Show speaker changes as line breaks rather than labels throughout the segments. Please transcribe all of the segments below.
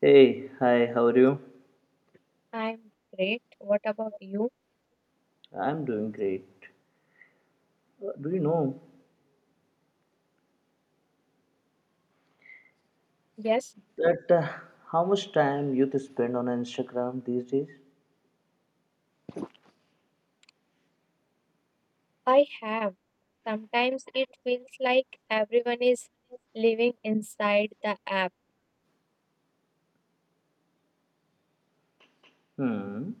Hey, hi, how are you?
I'm great. What about you?
I'm doing great. Do you know
Yes,
that how much time youth spend on Instagram these days?
I have. Sometimes it feels like everyone is living inside the app.
Hmm,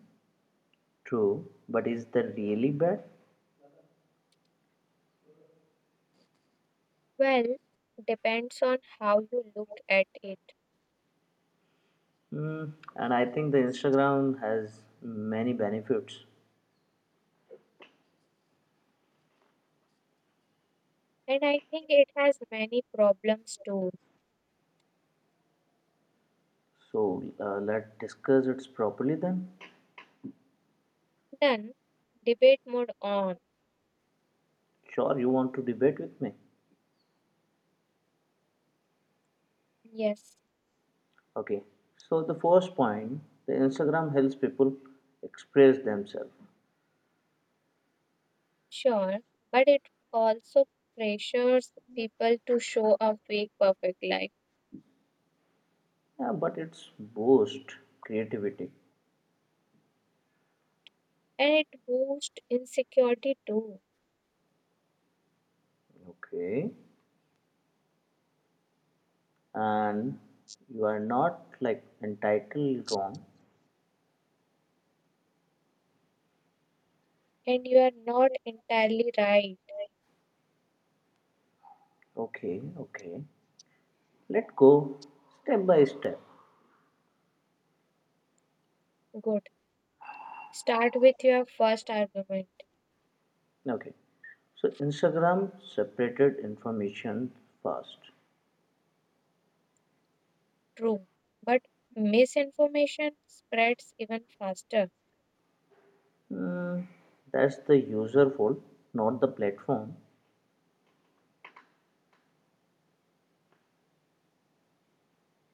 True, but is that really bad?
Well, depends on how you look at it.
Hmm, and I think the Instagram has many benefits.
And I think it has many problems too.
So let's discuss it properly then.
Then, debate mode on.
Sure, you want to debate with me?
Yes,
Okay. So the first point, the Instagram helps people express themselves,
sure. But it also pressures people to show a fake perfect life.
yeah, but it's boost creativity.
And it boosts insecurity too.
Okay. And you are not like entitled wrong.
And you are not entirely right.
Okay, okay. Let go step by step.
Good. Start with your first argument.
Okay. So Instagram separated information first.
True. But misinformation spreads even faster.
Hmm, that's the user fault, not the platform.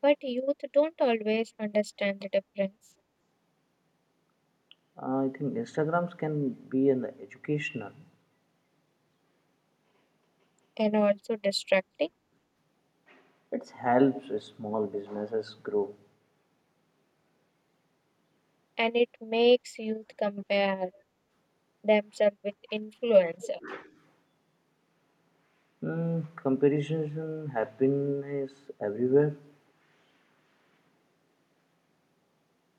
But youth don't always understand the difference,
I think Instagrams can be an educational.
and also distracting,
It helps small businesses grow.
and it makes youth compare themselves with influencer.
Comparison happiness everywhere.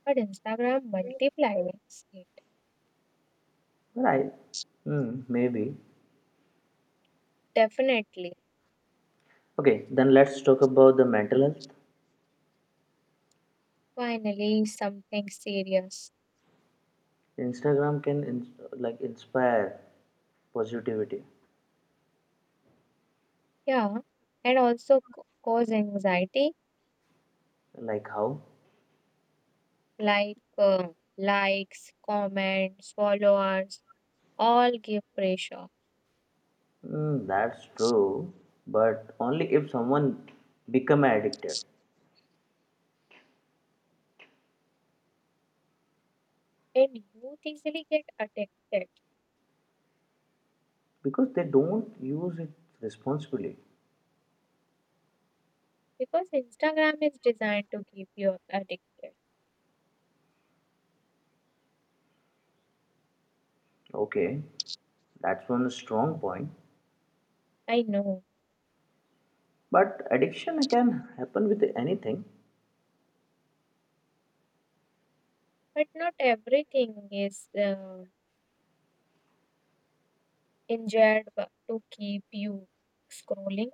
But Instagram multiplies it.
Right. Hmm, maybe.
Definitely.
Okay, then let's talk about the mental health.
Finally, something serious.
Instagram can like inspire positivity.
Yeah. And also cause anxiety
Like how?
like uh, likes, comments, followers all give pressure.
That's true, but only if someone become addicted
And youth easily get addicted
because they don't use it responsibly.
because Instagram is designed to keep you addicted.
Okay, that's one strong point.
I know,
But addiction can happen with anything.
but not everything is engineered to keep you scrolling.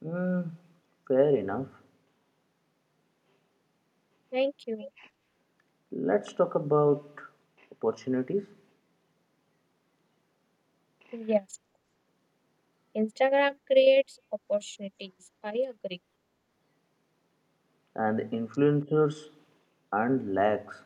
Mm, fair enough.
Thank you.
Let's talk about opportunities
Yes, Instagram creates opportunities. I agree,
and influencers and lags.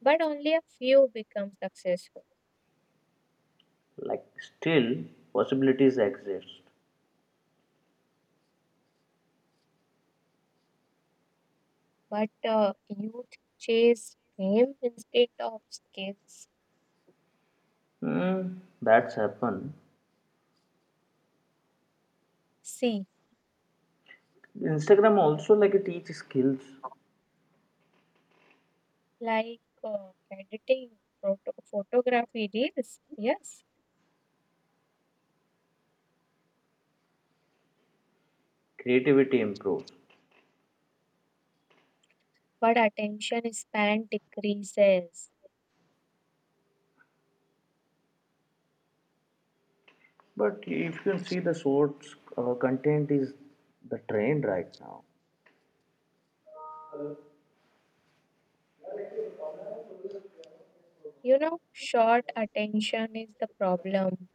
but only a few become successful.
Like still possibilities exist.
But youth chase fame instead of skills.
That's happen.
See,
Instagram also like it teaches skills.
like editing, photography reels, yes,
Creativity improves.
but attention span decreases.
But if you can see the source, content is the trend right now.
You know, short attention is the problem.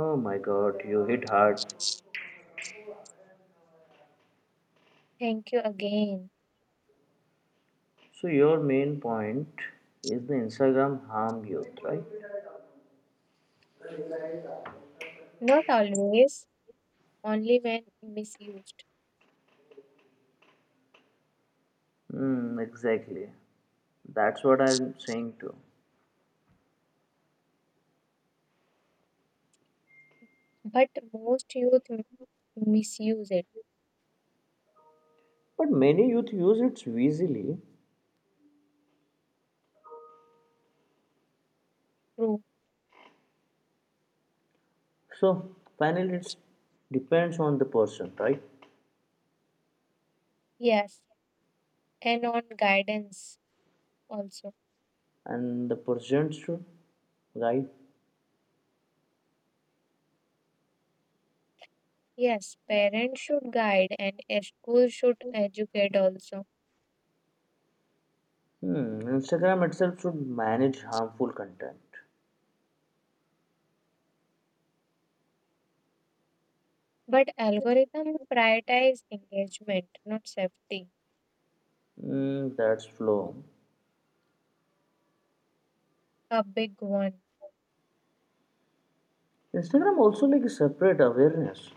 Oh my god, you hit hard.
Thank you again.
So your main point is the instagram harm youth, right?
Not always, only when misused,
Hmm. Exactly, that's what I'm saying too.
but most youth misuse it.
But many youth use it easily.
True,
So finally it depends on the person, right?
yes, and on guidance also.
And the percent should, right?
Yes, parents should guide and a school should educate also.
Hmm, instagram itself should manage harmful content.
But algorithms prioritize engagement, not safety,
That's flow.
a big one.
Instagram also like a separate awareness.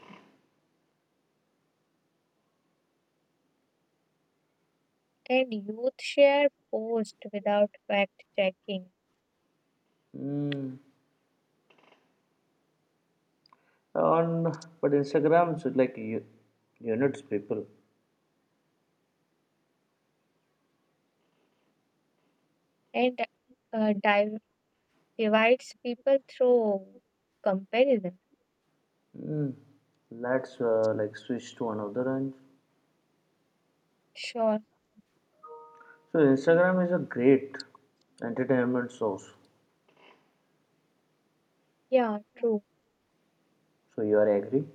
And youth share posts without fact checking,
Hmm, on But instagram should like units people.
and uh, div- divides people through comparison.
Hmm, let's like switch to another range.
Sure,
So instagram is a great entertainment source.
yeah, true.
So you are agree?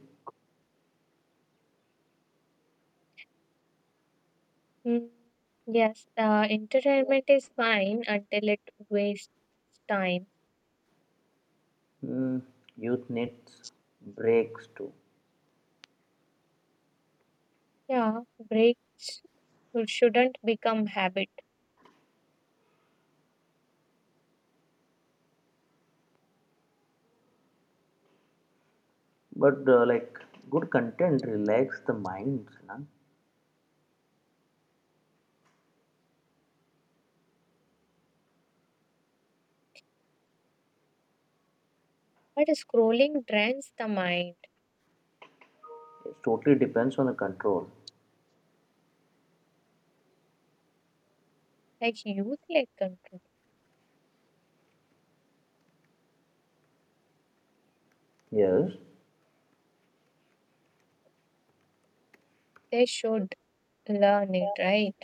Mm, yes, entertainment is fine until it wastes time.
Hmm, Youth needs breaks too.
Yeah, breaks shouldn't become habit.
But like good content relax the mind, Sanang.
But scrolling drains the mind,
It totally depends on the control.
like youth like control.
Yes,
They should learn it, right?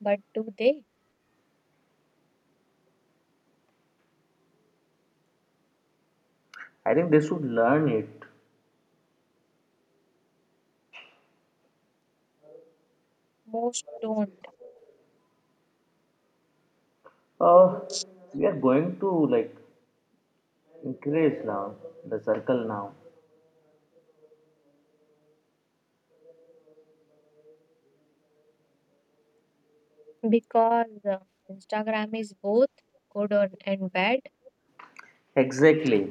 But do they?
I think they should learn it.
Most don't
Uh, we are going to like increase now the circle now.
because Instagram is both good on and bad.
Exactly.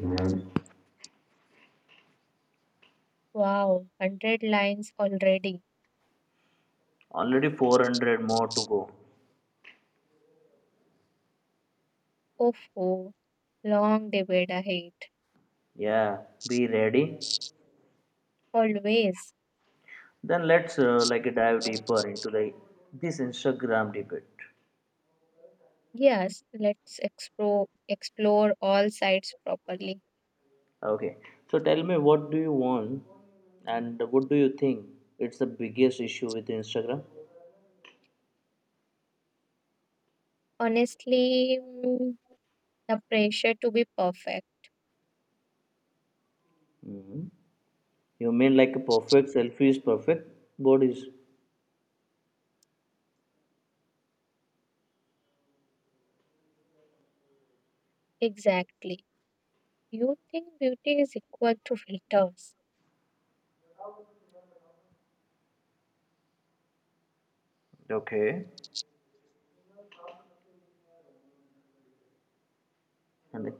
Wow, 100 lines already.
Already 400 more to go.
Oh, oh, long debate ahead.
Yeah, be ready.
Always.
Then let's like dive deeper into like this Instagram debate.
Yes, let's explore all sides properly.
Okay, so tell me what do you want and what do you think? It's the biggest issue with Instagram.
Honestly, the pressure to be perfect.
Hmm. You mean like a perfect selfie is perfect bodies.
Exactly. You think beauty is equal to filters,
Okay. And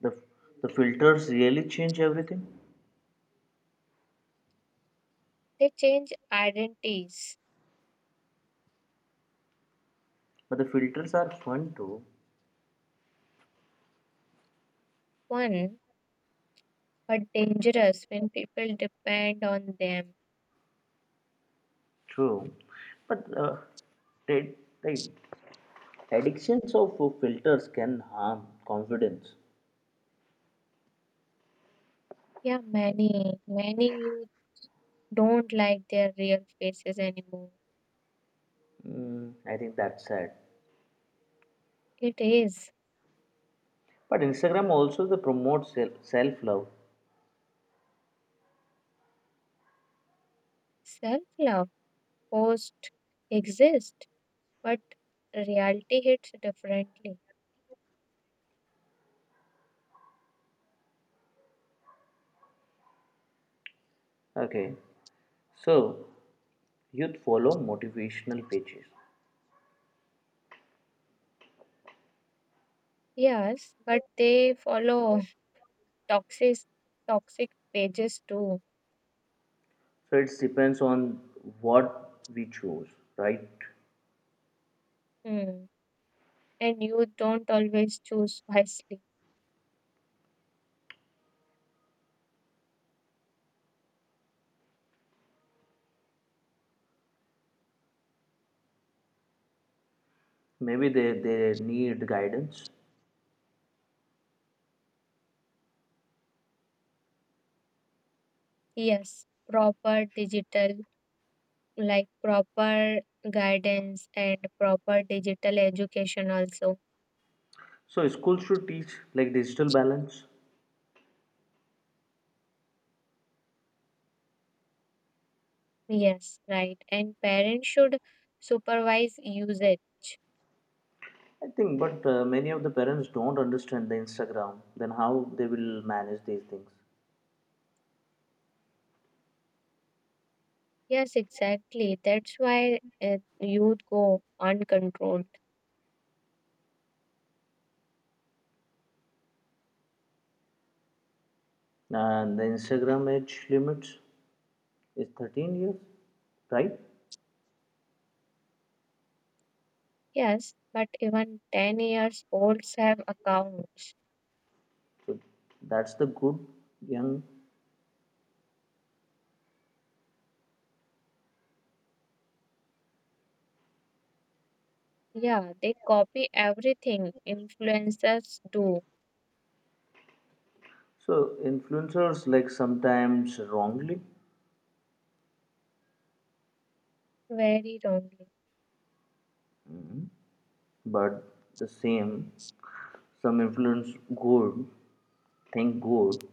the the filters really change everything.
they change identities.
But the filters are fun too.
One, but dangerous when people depend on them.
True. But the they, Addictions of filters can harm confidence.
Yeah, many, many you don't like their real faces anymore.
I think that's sad.
It is
But Instagram also the promotes self love.
self love, post exist, but reality hits differently.
Okay. So youth follow motivational pages.
Yes, but they follow toxic toxic pages too.
So it depends on what we choose, right?
Hmm. And you don't always choose wisely.
Maybe they need guidance.
Yes, proper digital, like proper guidance and proper digital education also.
So schools should teach like digital balance.
Yes, right, and parents should supervise usage.
I think, but many of the parents don't understand the Instagram. Then how they will manage these things?
Yes, exactly, that's why youth go uncontrolled.
And the Instagram age limits is 13 years, right?
Yes, but even 10 years olds have accounts.
So that's the good young.
Yeah, they copy everything influencers do,
So influencers like sometimes wrongly,
very wrongly.
but the same. Some influence good, think good.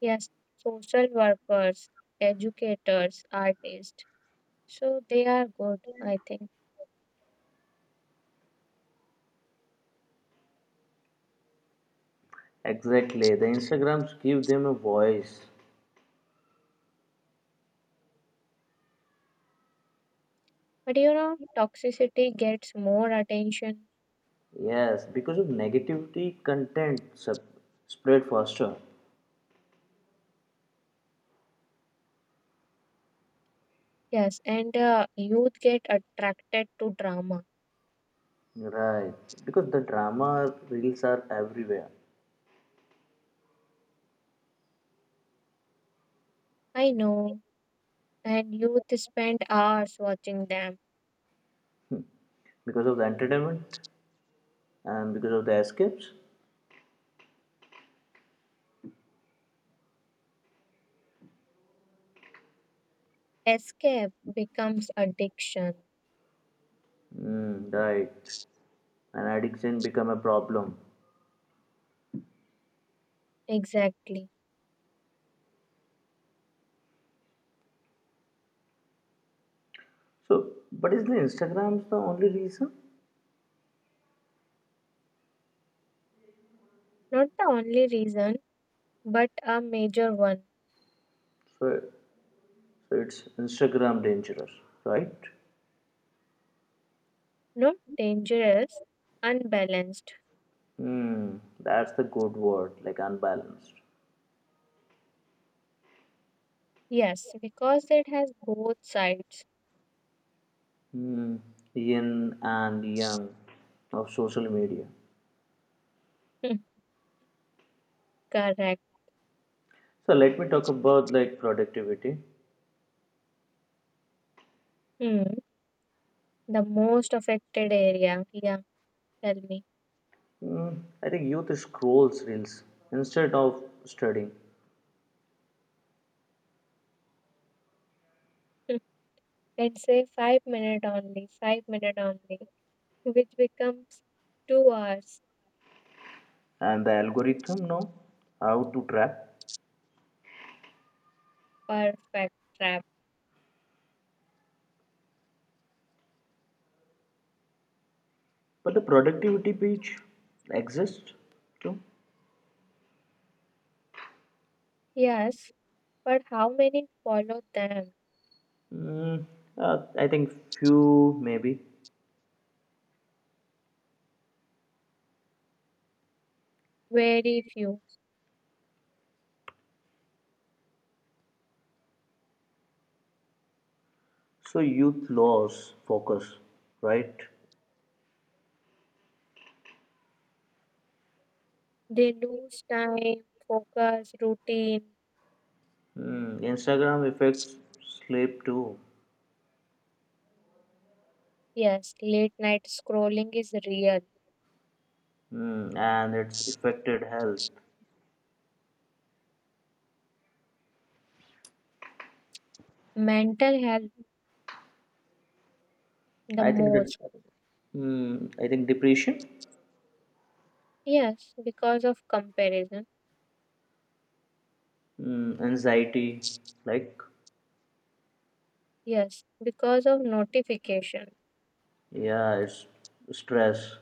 Yes, social workers, educators, artists, so they are good I think.
Exactly, the Instagrams give them a voice.
But you know, toxicity gets more attention.
Yes, because of negativity, content spread faster.
Yes, and youth get attracted to drama.
Right. Because the drama reels are everywhere.
I know. And youth spend hours watching them.
Because of the entertainment and because of the escapes.
Escape becomes addiction.
Mm, right. And addiction become a problem.
Exactly.
So, but is the Instagram's the only reason?
Not the only reason, but a major one.
So, so it's Instagram dangerous, right?
Not dangerous, unbalanced.
Hmm. That's the good word, like unbalanced.
Yes, because it has both sides.
Hmm. Yin and yang of social media.
Correct.
So let me talk about like productivity.
Hmm. The most affected area. Yeah, tell me.
I think youth scrolls reels instead of studying,
Let's say 5 minute only, 5 minute only, which becomes 2 hours.
and the algorithm know how to trap.
Perfect trap.
But the productivity page exists too.
Yes, but how many follow them?
Mm, I think few maybe.
Very few.
So youth loss focus, right?
They lose time, focus, routine.
Instagram affects sleep too.
Yes, late night scrolling is real.
And it's affected health.
Mental health the
I think that
most.
mm, I think depression.
Yes, because of comparison.
Anxiety, like,
Yes, because of notification.
yeah, it's stress.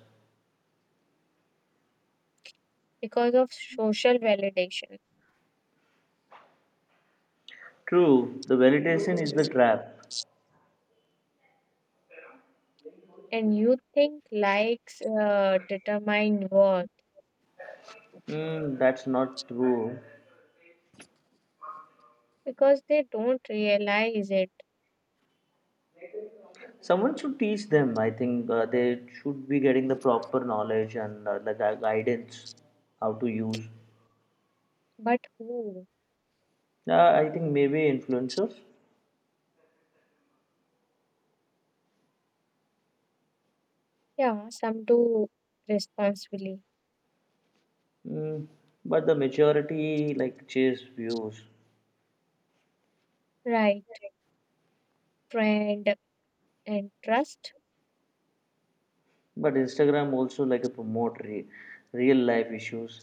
Because of social validation.
True, the validation is the trap.
And you think likes determine worth
That's not true.
because they don't realize it.
Someone should teach them. I think they should be getting the proper knowledge and the guidance how to use.
But who?
I think maybe influencers,
Yeah, some do responsibly.
mm, but the majority like chase views.
Right, friend and trust.
But Instagram also like a promote real life issues.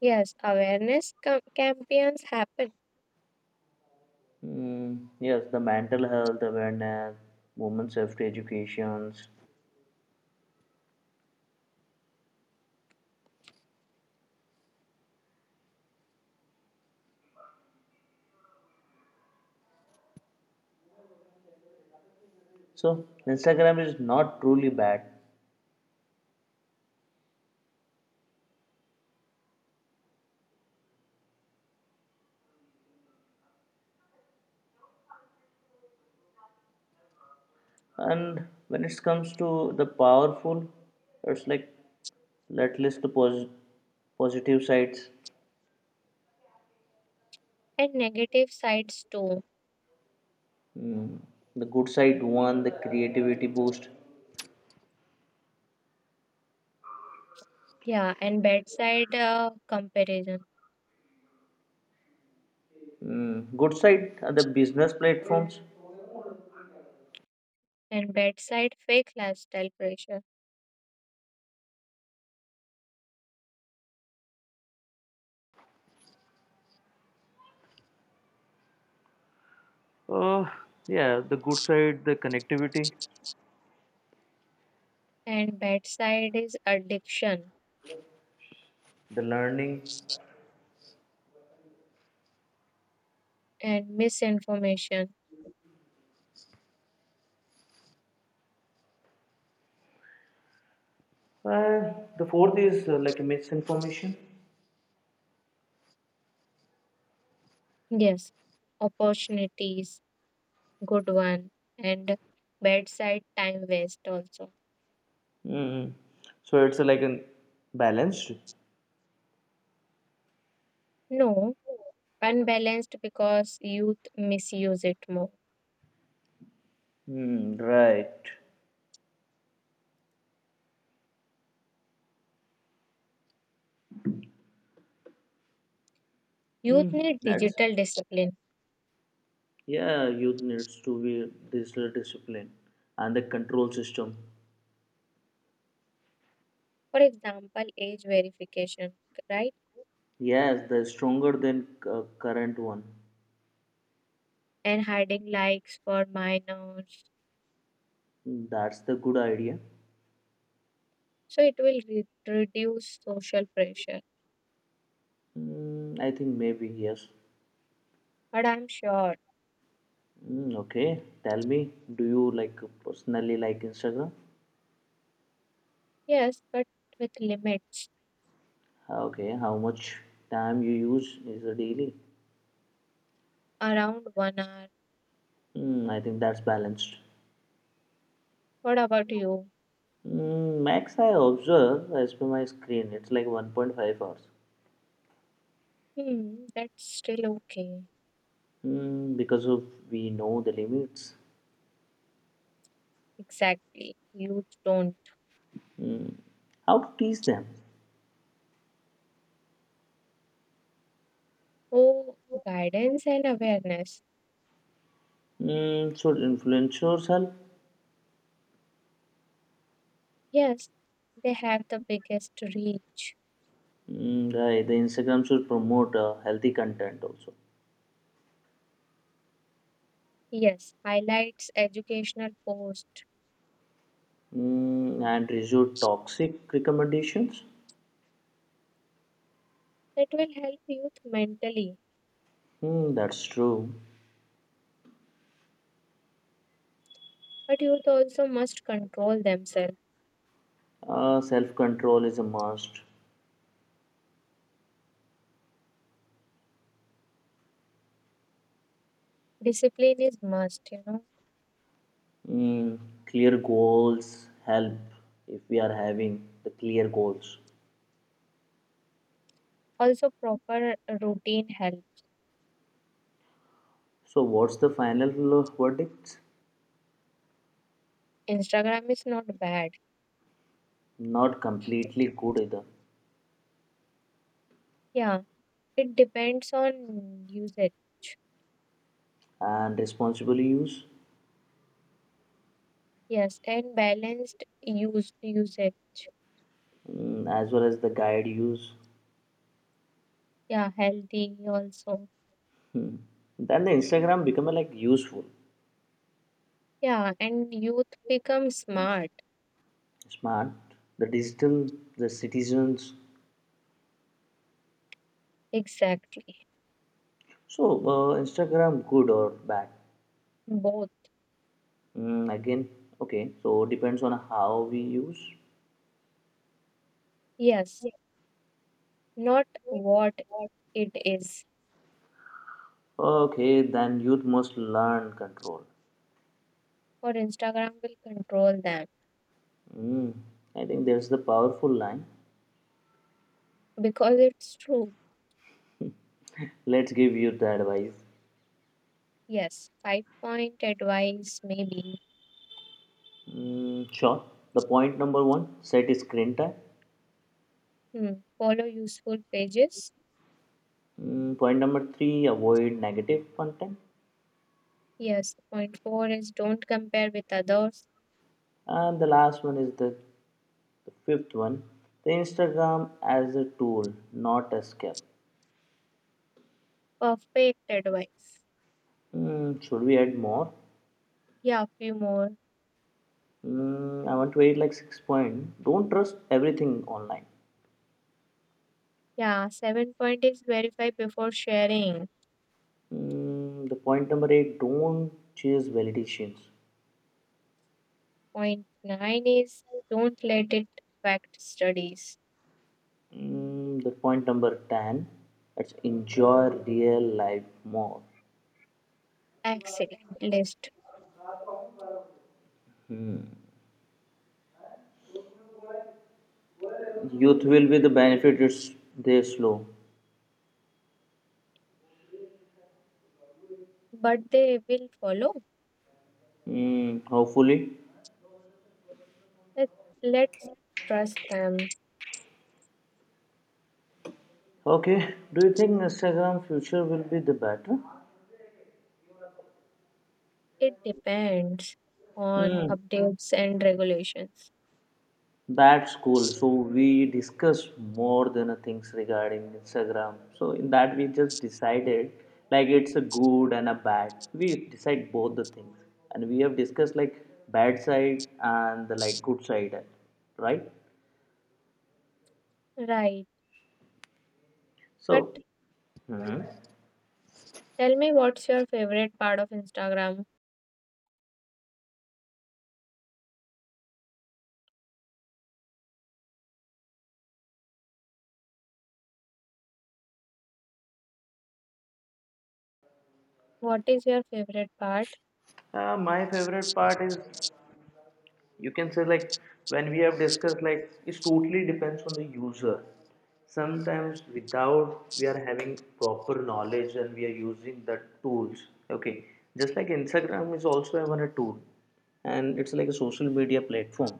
Yes, awareness campaigns happen,
Yes, the mental health awareness, women's safety educations. So Instagram is not truly bad. And when it comes to the powerful, it's like let's list the positive sides.
and negative sides too.
Mm, the good side one, the creativity boost.
Yeah, and bedside comparison,
Good side are the business platforms.
and bedside fake lifestyle pressure,
Uh, yeah, the good side, the connectivity,
and bedside is addiction
the learning.
and misinformation.
The fourth is like misinformation.
Yes, opportunities good one, and bedside time waste also.
Mm. So it's like an balanced.
No, unbalanced because youth misuse it more.
Hmm, right.
Youth
Mm.
need
That's
digital discipline,
Yeah, youth needs to be digital discipline and the control system.
for example age verification, right?
Yes, the stronger than current one.
And hiding likes for minors,
That's the good idea.
so it will reduce social pressure,
I think maybe yes.
but I'm sure.
Okay, tell me, do you like personally like Instagram?
Yes, but with limits,
Okay, how much time you use is a daily?
around 1 hour.
I think that's balanced.
What about you?
Max I observe as per my screen, it's like 1.5 hours.
Hmm, that's still okay.
Because of we know the limits.
Exactly, youth don't.
Mm, how to teach them?
Oh, guidance and awareness.
Should influencers help?
Yes, they have the biggest reach.
Mm, right, the Instagram should promote healthy content also.
Yes, highlights educational posts,
And reduce toxic recommendations.
that will help youth mentally,
Mm, that's true.
but youth also must control themselves.
Self control is a must.
Discipline is must, you know.
Mm, Clear goals help if we are having the clear goals.
Also, proper routine help.
So what's the final verdict?
Instagram is not bad.
Not completely good either,
Yeah, it depends on usage.
and responsible use
Yes, and balanced use usage.
as well as the guide use.
Yeah, healthy also.
Then the Instagram become a, like useful,
Yeah, and youth become smart.
smart, the digital, the citizens.
Exactly.
So Instagram good or bad?
Both.
Again, okay. So depends on how we use.
Yes. Not what it is.
Okay, then youth must learn control.
Or Instagram will control them.
Mm, I think there's the powerful line.
Because it's true.
Let's give youth the advice.
Yes. Five point advice, maybe.
Mm, sure. The point number one, set screen time.
Hmm. Follow useful pages.
Point number three, avoid negative content.
Yes. Point four is don't compare with others.
And the last one is the fifth one, the Instagram as a tool, not escape.
Perfect advice.
Should we add more?
Yeah. Few more.
I want to add like 6 point. Don't trust everything online.
Yeah. Seven point is verify before sharing.
The point number eight, don't chase validations.
Point nine is don't let it affect studies.
The point number 10, let's enjoy real life more.
Excellent list.
Youth will be the benefit it's they slow.
But they will follow.
Mm, hopefully.
Let, let's trust them.
Okay. Do you think Instagram future will be the better?
It depends on
Mm,
updates and regulations.
that's cool. So we discussed more than a things regarding Instagram. So in that we just decided like it's a good and a bad. We decide both the things. And we have discussed like bad side and the like good side, right?
Right. But
So Mhm.
tell me, what's your favorite part of Instagram? What is your favorite part?
My favorite part is you can say like when we have discussed like it totally depends on the user sometimes without we are having proper knowledge and we are using the tools, okay, just like instagram is also even a tool, and it's like a social media platform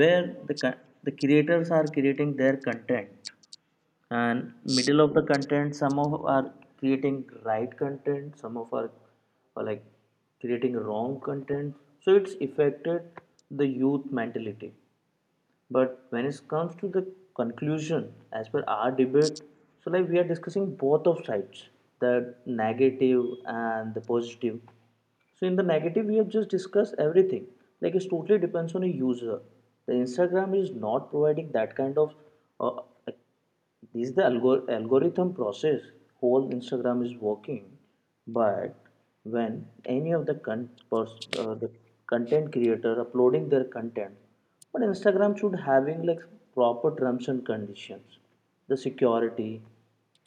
where the the creators are creating their content, and middle of the content some of are creating right content, some of are like creating wrong content, so it's affected the youth mentality. But when it comes to the conclusion as per our debate, so like we are discussing both of sides, the negative and the positive. So in the negative, we have just discussed everything. Like it totally depends on a user. The Instagram is not providing that kind of. Uh, like, this is the algorithm process. Whole Instagram is working, but when any of the the content creator uploading their content, but Instagram should having like proper terms and conditions, the security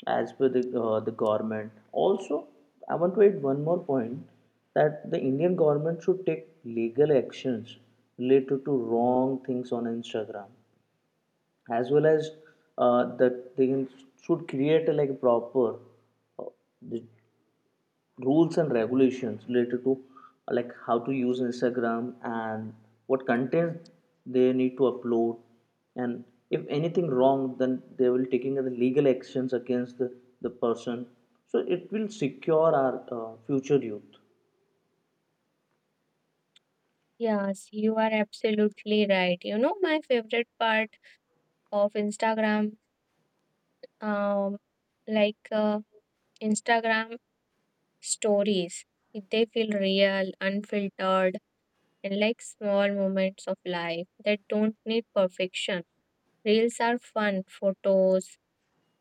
as per the the government. Also, I want to add one more point that the Indian government should take legal actions related to wrong things on Instagram, as well as that they should create a, like proper, uh, the rules and regulations related to like how to use Instagram and what content they need to upload, and if anything wrong then they will taking the legal actions against the person, so it will secure our future youth.
Yes, you are absolutely right. You know, my favorite part of Instagram, um, like Instagram stories, they feel real, unfiltered, and like small moments of life that don't need perfection. Reels are fun, photos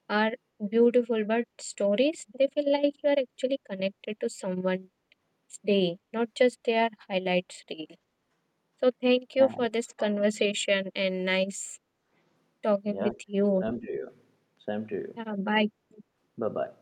are beautiful, but stories, they feel like you are actually connected to someone's day, not just their highlights reel. So, thank you for this
Thanks.
conversation and nice talking
Yeah,
with you.
same to you, same to you.
Yeah, bye.
Bye bye.